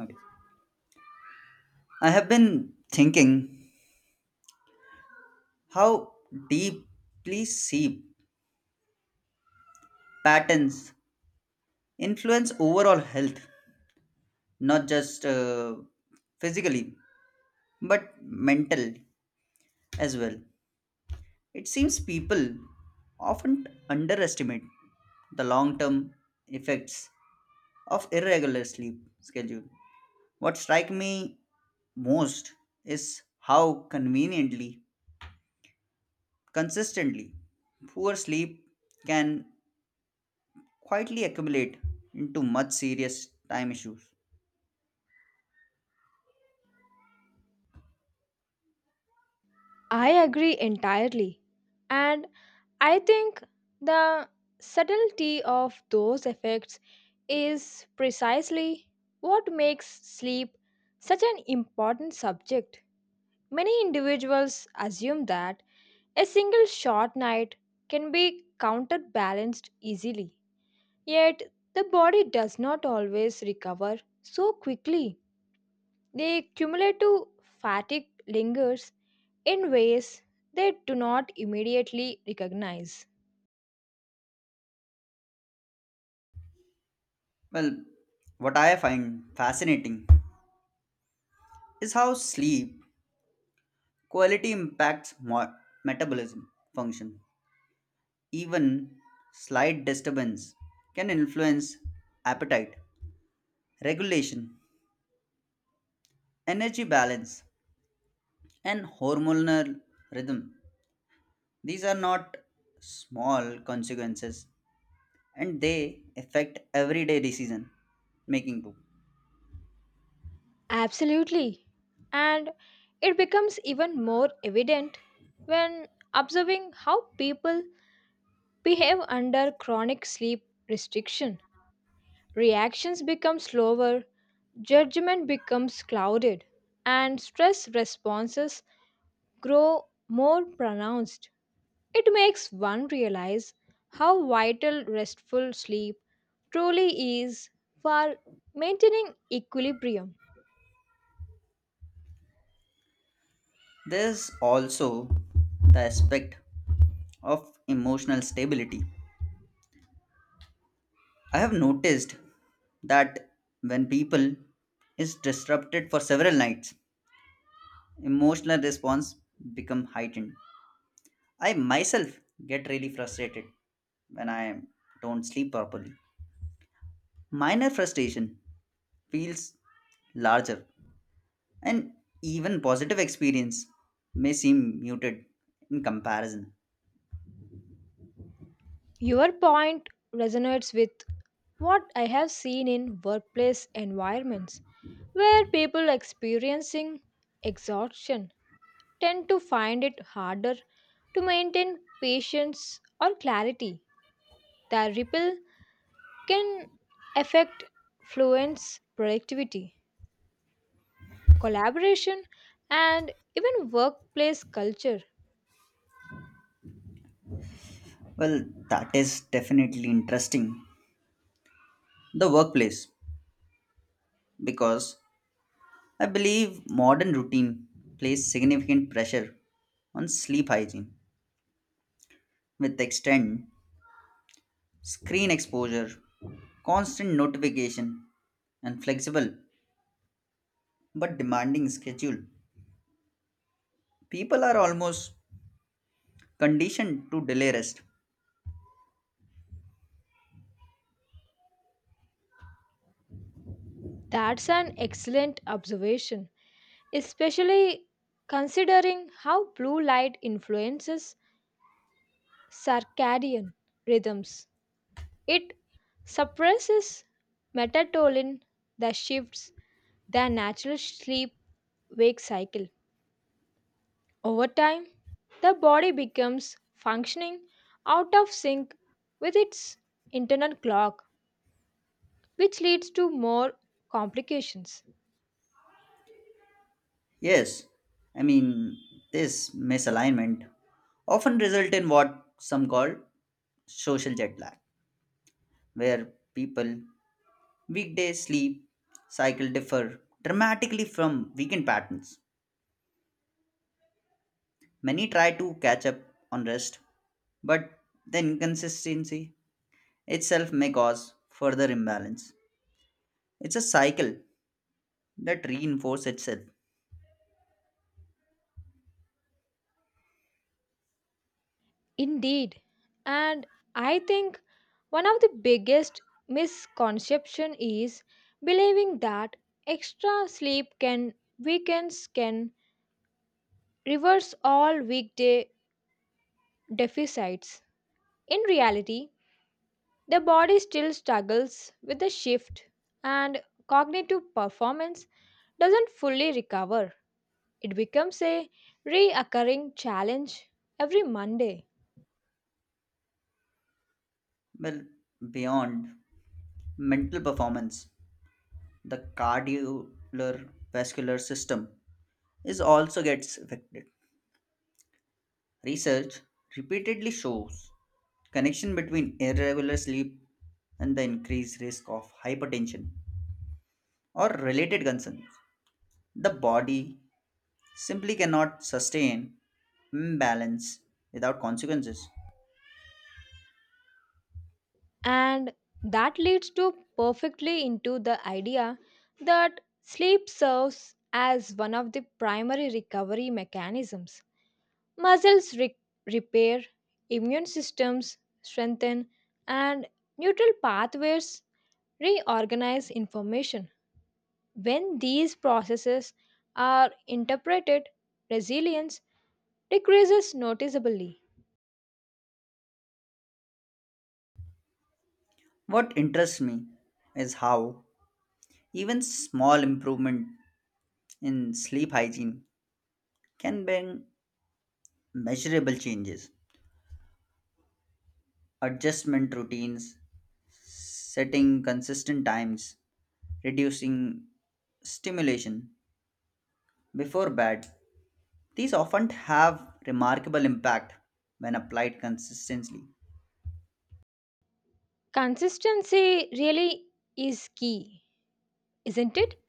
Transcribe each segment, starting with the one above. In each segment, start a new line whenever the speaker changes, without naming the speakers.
Okay. I have been thinking how deeply sleep patterns influence overall health, not just physically, but mental as well. It seems people often underestimate the long term effects of irregular sleep schedule. What strikes me most is how conveniently, consistently, poor sleep can quietly accumulate into much serious time issues.
I agree entirely. And I think the subtlety of those effects is precisely what makes sleep such an important subject. Many individuals assume that a single short night can be counterbalanced easily. Yet, the body does not always recover so quickly. The cumulative fatigue lingers in ways they do not immediately recognize.
Well, what I find fascinating is how sleep quality impacts metabolism function. Even slight disturbance can influence appetite, regulation, energy balance, and hormonal rhythm. These are not small consequences and they affect everyday decision making too.
Absolutely. And it becomes even more evident when observing how people behave under chronic sleep restriction. Reactions become slower, judgment becomes clouded, and stress responses grow more pronounced. It makes one realize how vital restful sleep truly is for maintaining equilibrium.
There's also the aspect of emotional stability. I have noticed that when people is disrupted for several nights, emotional response become heightened. I myself get really frustrated when I don't sleep properly. Minor frustration feels larger and even positive experience may seem muted in comparison.
Your point resonates with what I have seen in workplace environments where people experiencing exhaustion tend to find it harder to maintain patience or clarity. The ripple can affect fluence productivity. Collaboration, and even workplace culture.
Well, that is definitely interesting. The workplace, because I believe modern routine places significant pressure on sleep hygiene with extended screen exposure, constant notification, and flexible but demanding schedule. People are almost conditioned to delay rest.
That's an excellent observation, especially considering how blue light influences circadian rhythms. It suppresses melatonin that shifts the natural sleep wake cycle. Over time, the body becomes functioning out of sync with its internal clock, which leads to more complications.
Yes, I mean, this misalignment often result in what some call social jet lag, where people Weekday sleep cycle differ dramatically from weekend patterns. Many try to catch up on rest, but the inconsistency itself may cause further imbalance. It's a cycle that reinforces itself
Indeed, and I think one of the biggest misconception is believing that extra sleep can weekends can reverse all weekday deficits. In reality, the body still struggles with the shift and cognitive performance doesn't fully recover. It becomes a reoccurring challenge every Monday.
well beyond mental performance. The cardiovascular system is also gets affected. Research repeatedly shows connection between irregular sleep and the increased risk of hypertension or related concerns. The body simply cannot sustain imbalance without consequences.
And that leads to perfectly into the idea that sleep serves as one of the primary recovery mechanisms. Muscles repair, immune systems strengthen, and neutral pathways reorganize information. When these processes are interpreted, resilience decreases noticeably.
What interests me is how even small improvement in sleep hygiene can bring measurable changes. Adjustment routines, setting consistent times, reducing stimulation before bed. These often have remarkable impact when applied consistently.
Consistency really is key, isn't it?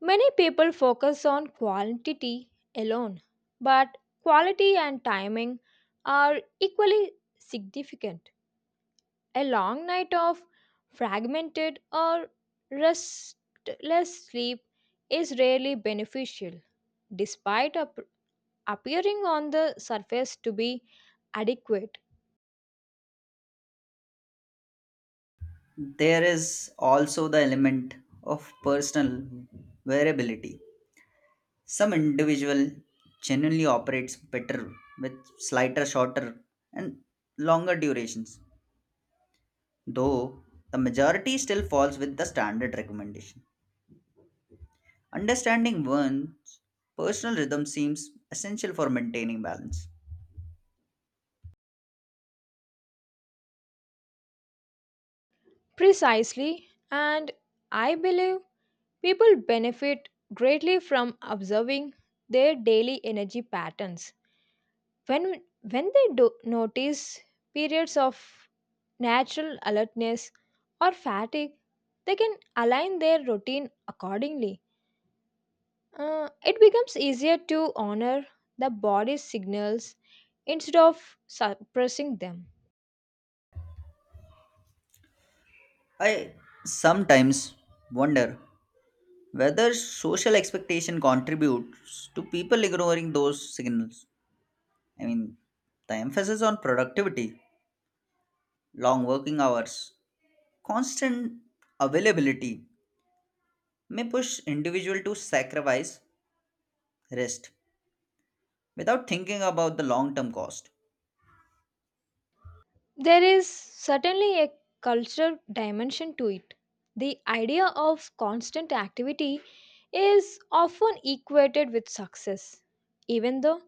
Many people focus on quantity alone, but quality and timing are equally significant. A long night of fragmented or restless sleep is rarely beneficial, despite appearing on the surface to be adequate.
There is also the element of personal variability. Some individual genuinely operates better with slighter, shorter, and longer durations, though the majority still falls with the standard recommendation. Understanding one's personal rhythm seems essential for maintaining balance.
Precisely, and I believe people benefit greatly from observing their daily energy patterns when when they do notice periods of natural alertness or fatigue. They can align their routine accordingly. It becomes easier to honor the body's signals instead of suppressing them.
I sometimes wonder whether social expectation contributes to people ignoring those signals. I mean, the emphasis on productivity, long working hours, constant availability may push individual to sacrifice rest without thinking about the long-term cost.
There is certainly a cultural dimension to it. The idea of constant activity is often equated with success, even though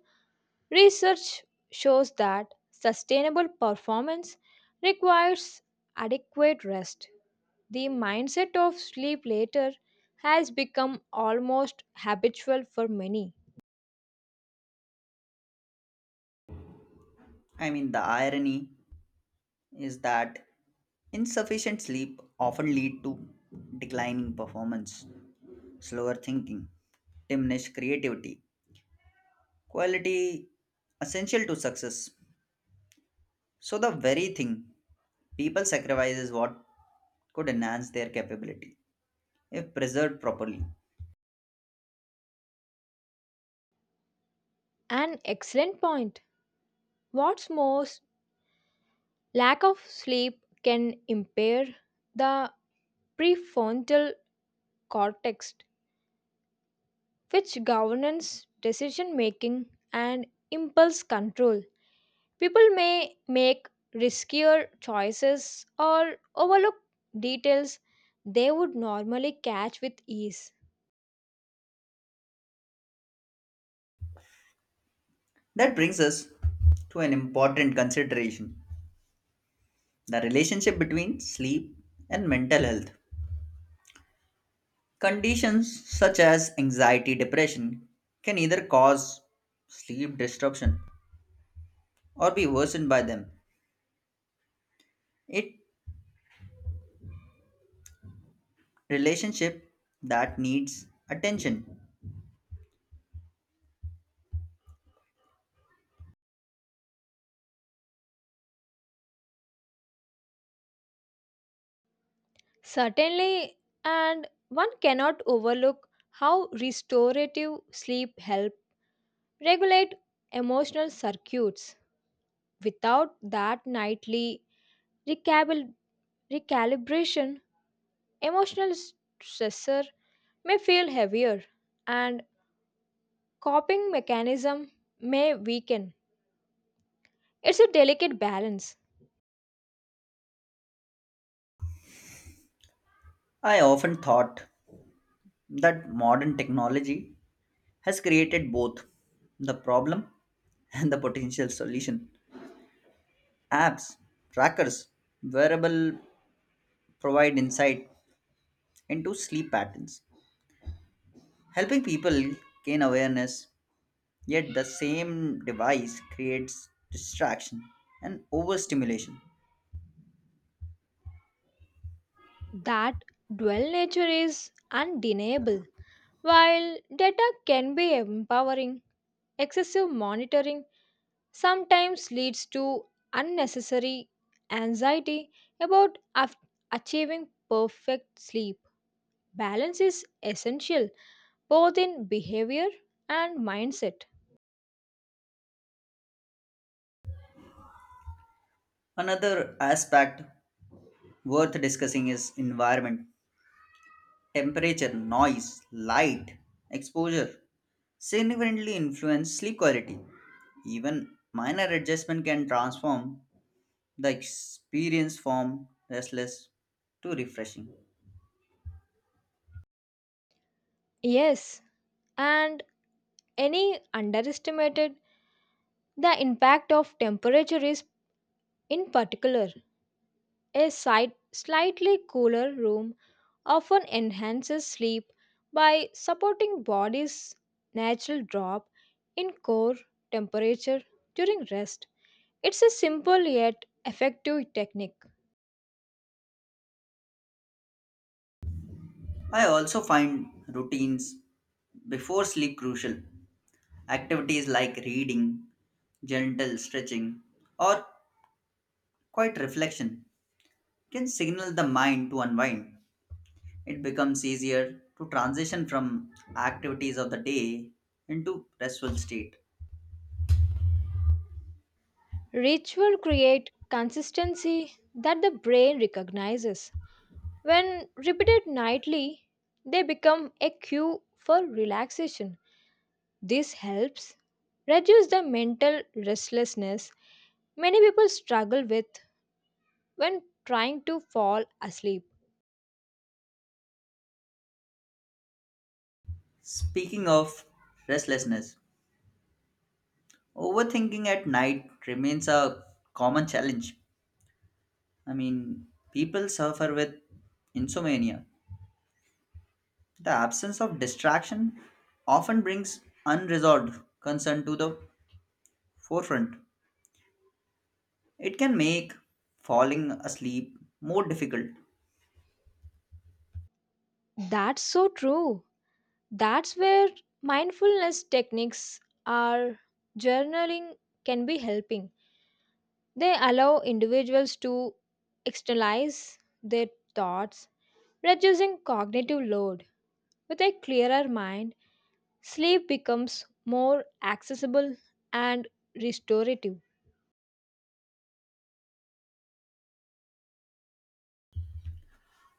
research shows that sustainable performance requires adequate rest. The mindset of sleep later has become almost habitual for many.
I mean, the irony is that insufficient sleep often lead to declining performance, slower thinking, diminished creativity, quality essential to success. So the very thing people sacrifice is what could enhance their capability if preserved properly.
An excellent point. What's more, lack of sleep can impair the prefrontal cortex, which governs decision making and impulse control. People may make riskier choices or overlook details they would normally catch with ease.
That brings us to an important consideration, the relationship between sleep and mental health. Conditions such as anxiety, depression can either cause sleep disruption or be worsened by them. It relationship that needs attention.
Certainly, and one cannot overlook how restorative sleep helps regulate emotional circuits. Without that nightly recabil- recalibration, emotional stressor may feel heavier and coping mechanism may weaken. It's a delicate balance.
I often thought that modern technology has created both the problem and the potential solution. Apps, trackers, wearable provide insight into sleep patterns, helping people gain awareness. Yet the same device creates distraction and overstimulation.
That dual nature is undeniable. While data can be empowering, excessive monitoring sometimes leads to unnecessary anxiety about achieving perfect sleep. Balance is essential, both in behavior and mindset.
Another aspect worth discussing is environment. Temperature, noise, light, exposure significantly influence sleep quality. Even minor adjustment can transform the experience from restless to refreshing.
Yes, and any underestimated the impact of temperature is in particular. Slightly cooler room often enhances sleep by supporting body's natural drop in core temperature during rest. It's a simple yet effective technique.
I also find routines before sleep crucial. Activities like reading, gentle stretching, or quiet reflection can signal the mind to unwind. It becomes easier to transition from activities of the day into restful state.
Ritual create consistency that the brain recognizes. When repeated nightly, they become a cue for relaxation. This helps reduce the mental restlessness many people struggle with when trying to fall asleep.
Speaking of restlessness, overthinking at night remains a common challenge. I mean, people suffer with insomnia. The absence of distraction often brings unresolved concern to the forefront. It can make falling asleep more difficult.
That's so true. That's where mindfulness techniques or journaling can be helping. They allow individuals to externalize their thoughts, reducing cognitive load. With a clearer mind, sleep becomes more accessible and restorative.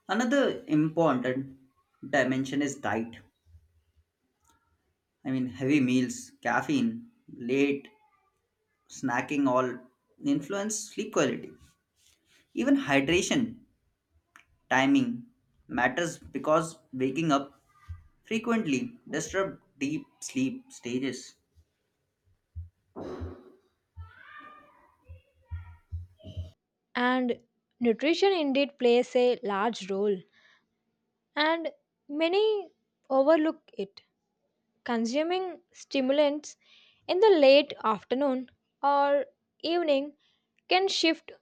Another important dimension is diet. I mean, heavy meals, caffeine, late snacking all influence sleep quality. Even hydration timing matters because waking up frequently disrupt deep sleep stages.
And nutrition indeed plays a large role, and many overlook it. Consuming stimulants in the late afternoon or evening can shift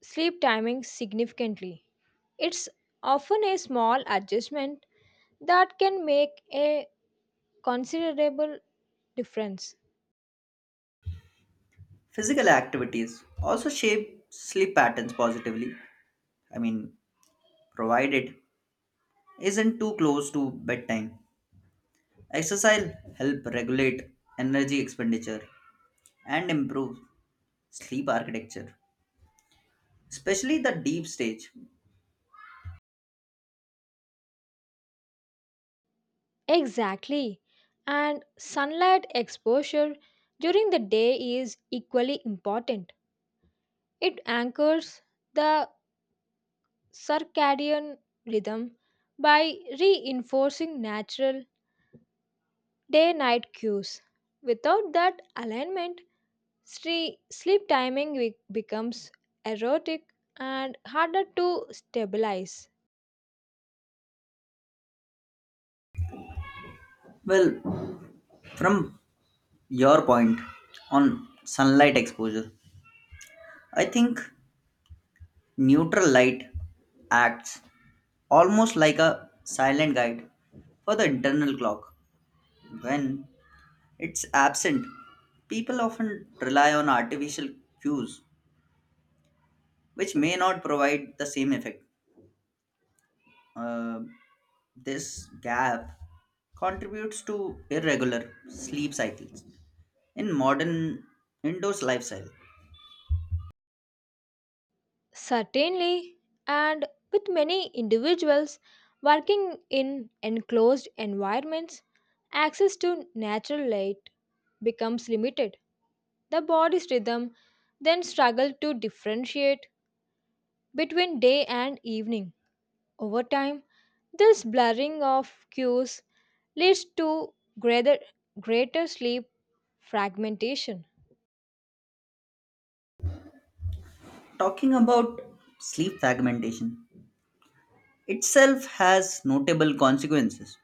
sleep timing significantly. It's often a small adjustment that can make a considerable difference.
Physical activities also shape sleep patterns positively. I mean, provided isn't too close to bedtime. Exercise help regulate energy expenditure and improve sleep architecture, especially the deep stage.
Exactly, and sunlight exposure during the day is equally important. It anchors the circadian rhythm by reinforcing natural day night cues. Without that alignment, sleep timing becomes erotic and harder to stabilize.
Well, from your point on sunlight exposure, I think neutral light acts almost like a silent guide for the internal clock. When it's absent, people often rely on artificial cues, which may not provide the same effect. Uh, this gap contributes to irregular sleep cycles in modern indoors lifestyle.
Certainly, and with many individuals working in enclosed environments, access to natural light becomes limited. The body's rhythm then struggle to differentiate between day and evening. Over time, this blurring of cues leads to greater, greater sleep fragmentation.
Talking about sleep fragmentation itself has notable consequences.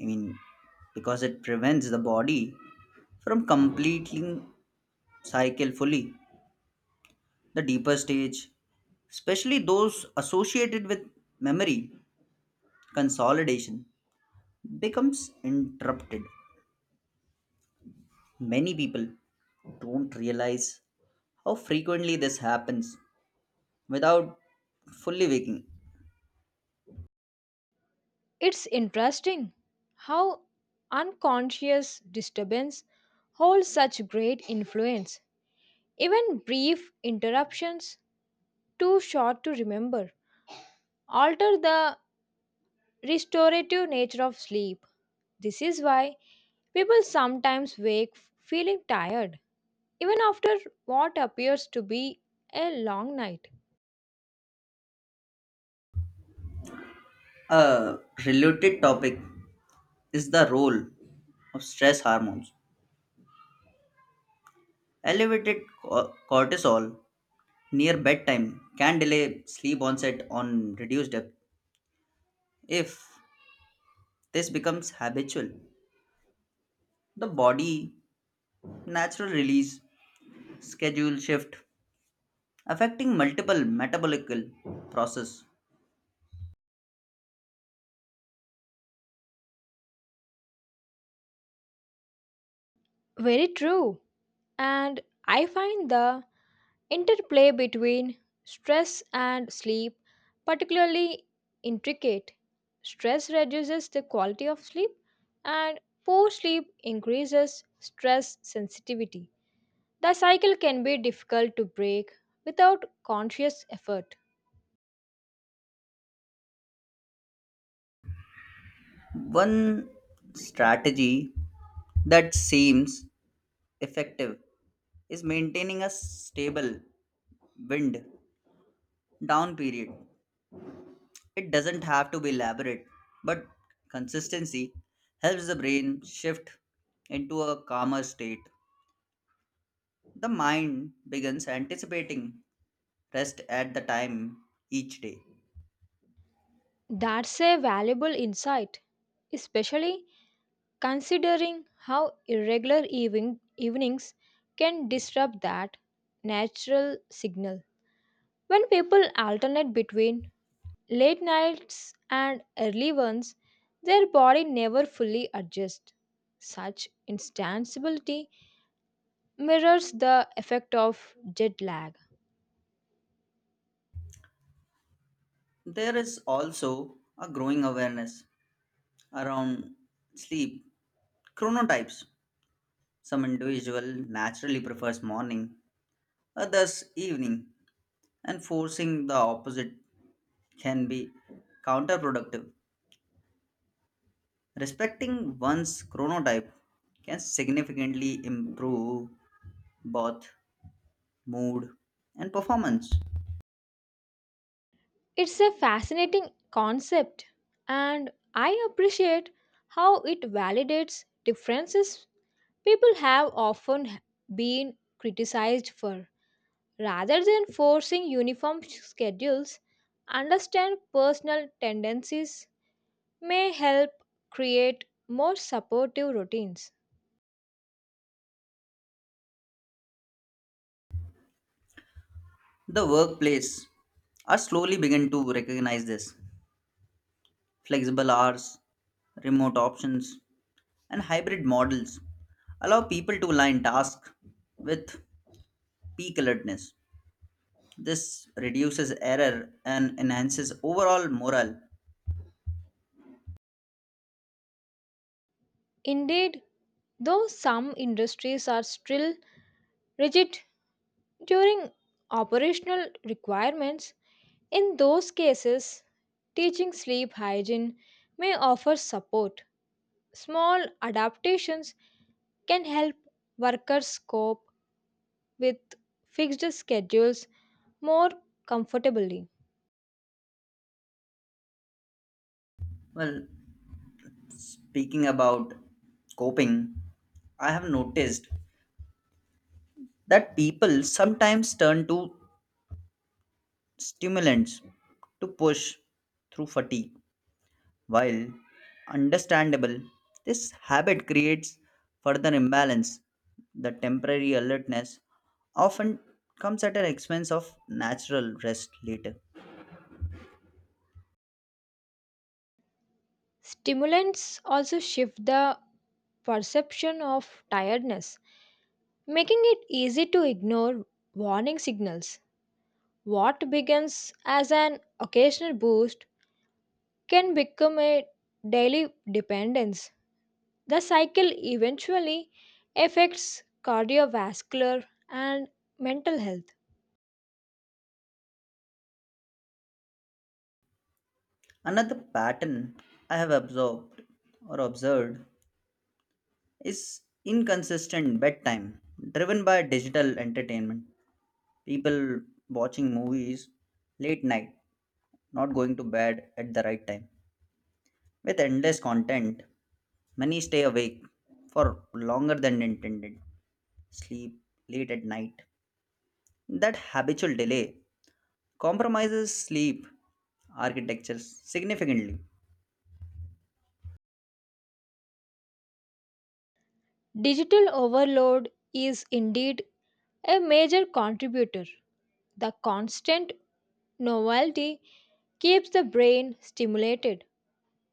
I mean, because it prevents the body from completing cycle fully. The deeper stage, especially those associated with memory consolidation, becomes interrupted. Many people don't realize how frequently this happens without fully waking.
It's interesting how unconscious disturbance holds such great influence. Even brief interruptions, too short to remember, alter the restorative nature of sleep. This is why people sometimes wake feeling tired, even after what appears to be a long night.
A related topic is the role of stress hormones. Elevated cortisol near bedtime can delay sleep onset on reduced depth if this becomes habitual. The body natural release schedule shift affecting multiple metabolic process.
Very true. And I find the interplay between stress and sleep particularly intricate. Stress reduces the quality of sleep, and poor sleep increases stress sensitivity. The cycle can be difficult to break without conscious effort.
One strategy that seems effective is maintaining a stable wind down period. It doesn't have to be elaborate, but consistency helps the brain shift into a calmer state. The mind begins anticipating rest at the time each day.
That's a valuable insight, especially considering how irregular evenings can disrupt that natural signal. When people alternate between late nights and early ones, their body never fully adjusts. Such instability mirrors the effect of jet lag.
There is also a growing awareness around sleep chronotypes. Some individual naturally prefers morning, others evening, and forcing the opposite can be counterproductive. Respecting one's chronotype can significantly improve both mood and performance.
It's a fascinating concept, and I appreciate how it validates differences people have often been criticized for. Rather than forcing uniform schedules, understand personal tendencies may help create more supportive routines.
The workplace are slowly begin to recognize this. Flexible hours, remote options, and hybrid models allow people to align tasks with peak alertness. This reduces error and enhances overall morale.
Indeed, though some industries are still rigid during operational requirements. In those cases, teaching sleep hygiene may offer support. Small adaptations can help workers cope with fixed schedules more comfortably.
Well, speaking about coping, I have noticed that people sometimes turn to stimulants to push through fatigue. While understandable, this habit creates further imbalance. The temporary alertness often comes at an expense of natural rest later.
Stimulants also shift the perception of tiredness, making it easy to ignore warning signals. What begins as an occasional boost can become a daily dependence. The cycle eventually affects cardiovascular and mental health.
Another pattern I have observed or observed is inconsistent bedtime driven by digital entertainment. People watching movies late night, not going to bed at the right time with endless content. Many stay awake for longer than intended, sleep late at night. That habitual delay compromises sleep architecture significantly.
Digital overload is indeed a major contributor. The constant novelty keeps the brain stimulated,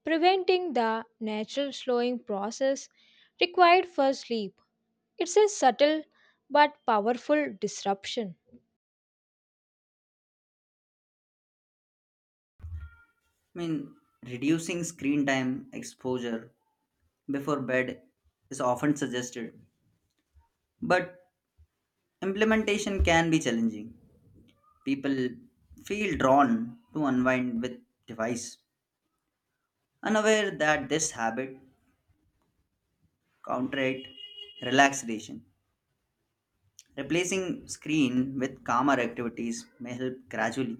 preventing the natural slowing process required for sleep. It's a subtle but powerful disruption.
I mean, reducing screen time exposure before bed is often suggested, but implementation can be challenging. People feel drawn to unwind with device, unaware that this habit counteract relaxation. Replacing screen with calmer activities may help gradually.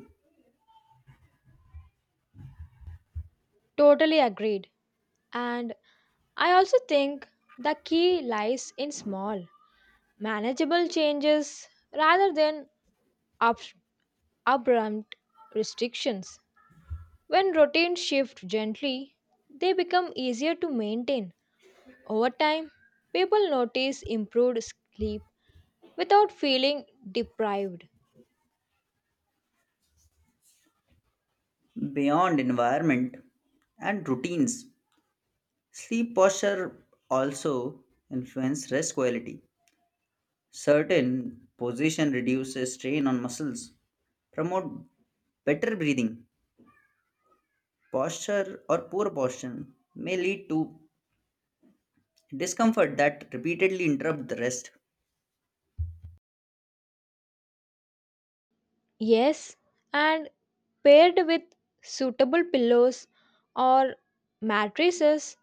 Totally agreed. And I also think the key lies in small, manageable changes rather than up- abrupt restrictions. When routines shift gently, they become easier to maintain. Over time, people notice improved sleep without feeling deprived.
Beyond environment and routines, sleep posture also influence rest quality. Certain position reduces strain on muscles, promote better breathing. Posture or poor posture may lead to discomfort that repeatedly interrupt the rest.
Yes, and paired with suitable pillows or mattresses,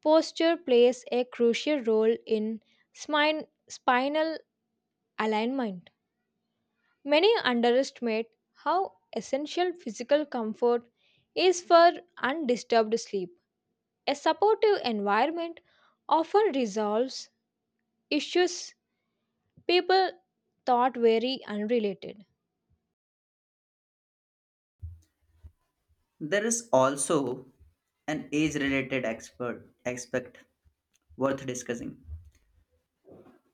posture plays a crucial role in spinal alignment. Many underestimate how essential physical comfort is for undisturbed sleep. A supportive environment often resolves issues people thought very unrelated.
There is also an age-related expert aspect worth discussing.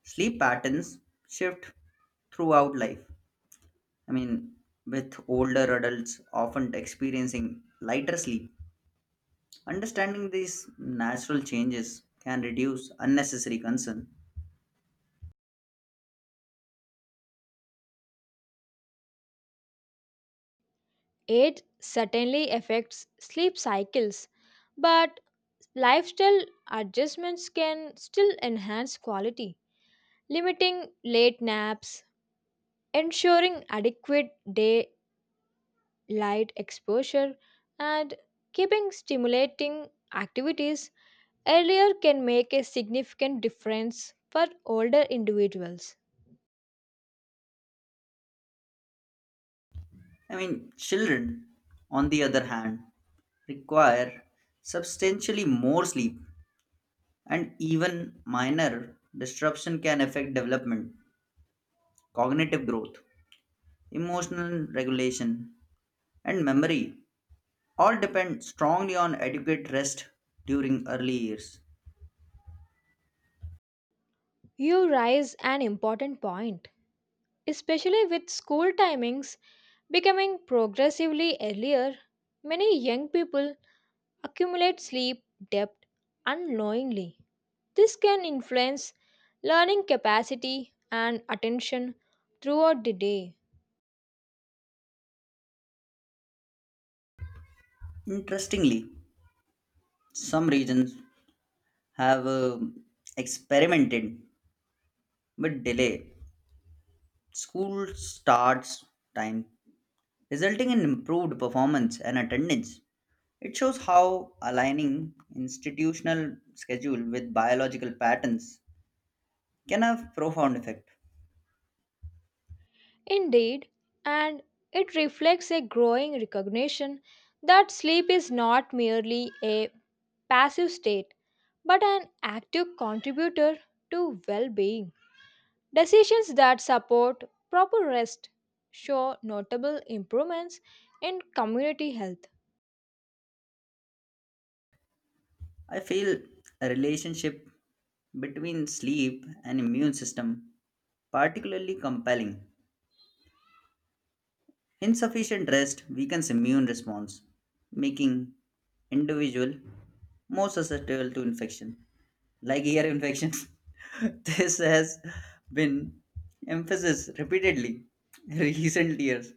Sleep patterns shift throughout life. I mean, with older adults often experiencing lighter sleep, understanding these natural changes can reduce unnecessary concern.
Age certainly affects sleep cycles, but lifestyle adjustments can still enhance quality. Limiting late naps, ensuring adequate daylight exposure and keeping stimulating activities earlier can make a significant difference for older individuals.
I mean, children, on the other hand, require substantially more sleep, and even minor disruption can affect development, cognitive growth, emotional regulation, and memory all depend strongly on adequate rest during early years.
You raise an important point, especially with school timings becoming progressively earlier. Many young people accumulate sleep debt unknowingly. This can influence learning capacity and attention throughout the day.
Interestingly, some regions have experimented with delay school starts time, resulting in improved performance and attendance. It shows how aligning institutional schedule with biological patterns can have profound effect.
Indeed, and it reflects a growing recognition that sleep is not merely a passive state but an active contributor to well being. Decisions that support proper rest show notable improvements in community health.
I feel a relationship between sleep and immune system particularly compelling. Insufficient rest weakens immune response, making individual more susceptible to infection, like ear infections. This has been emphasized repeatedly in recent years.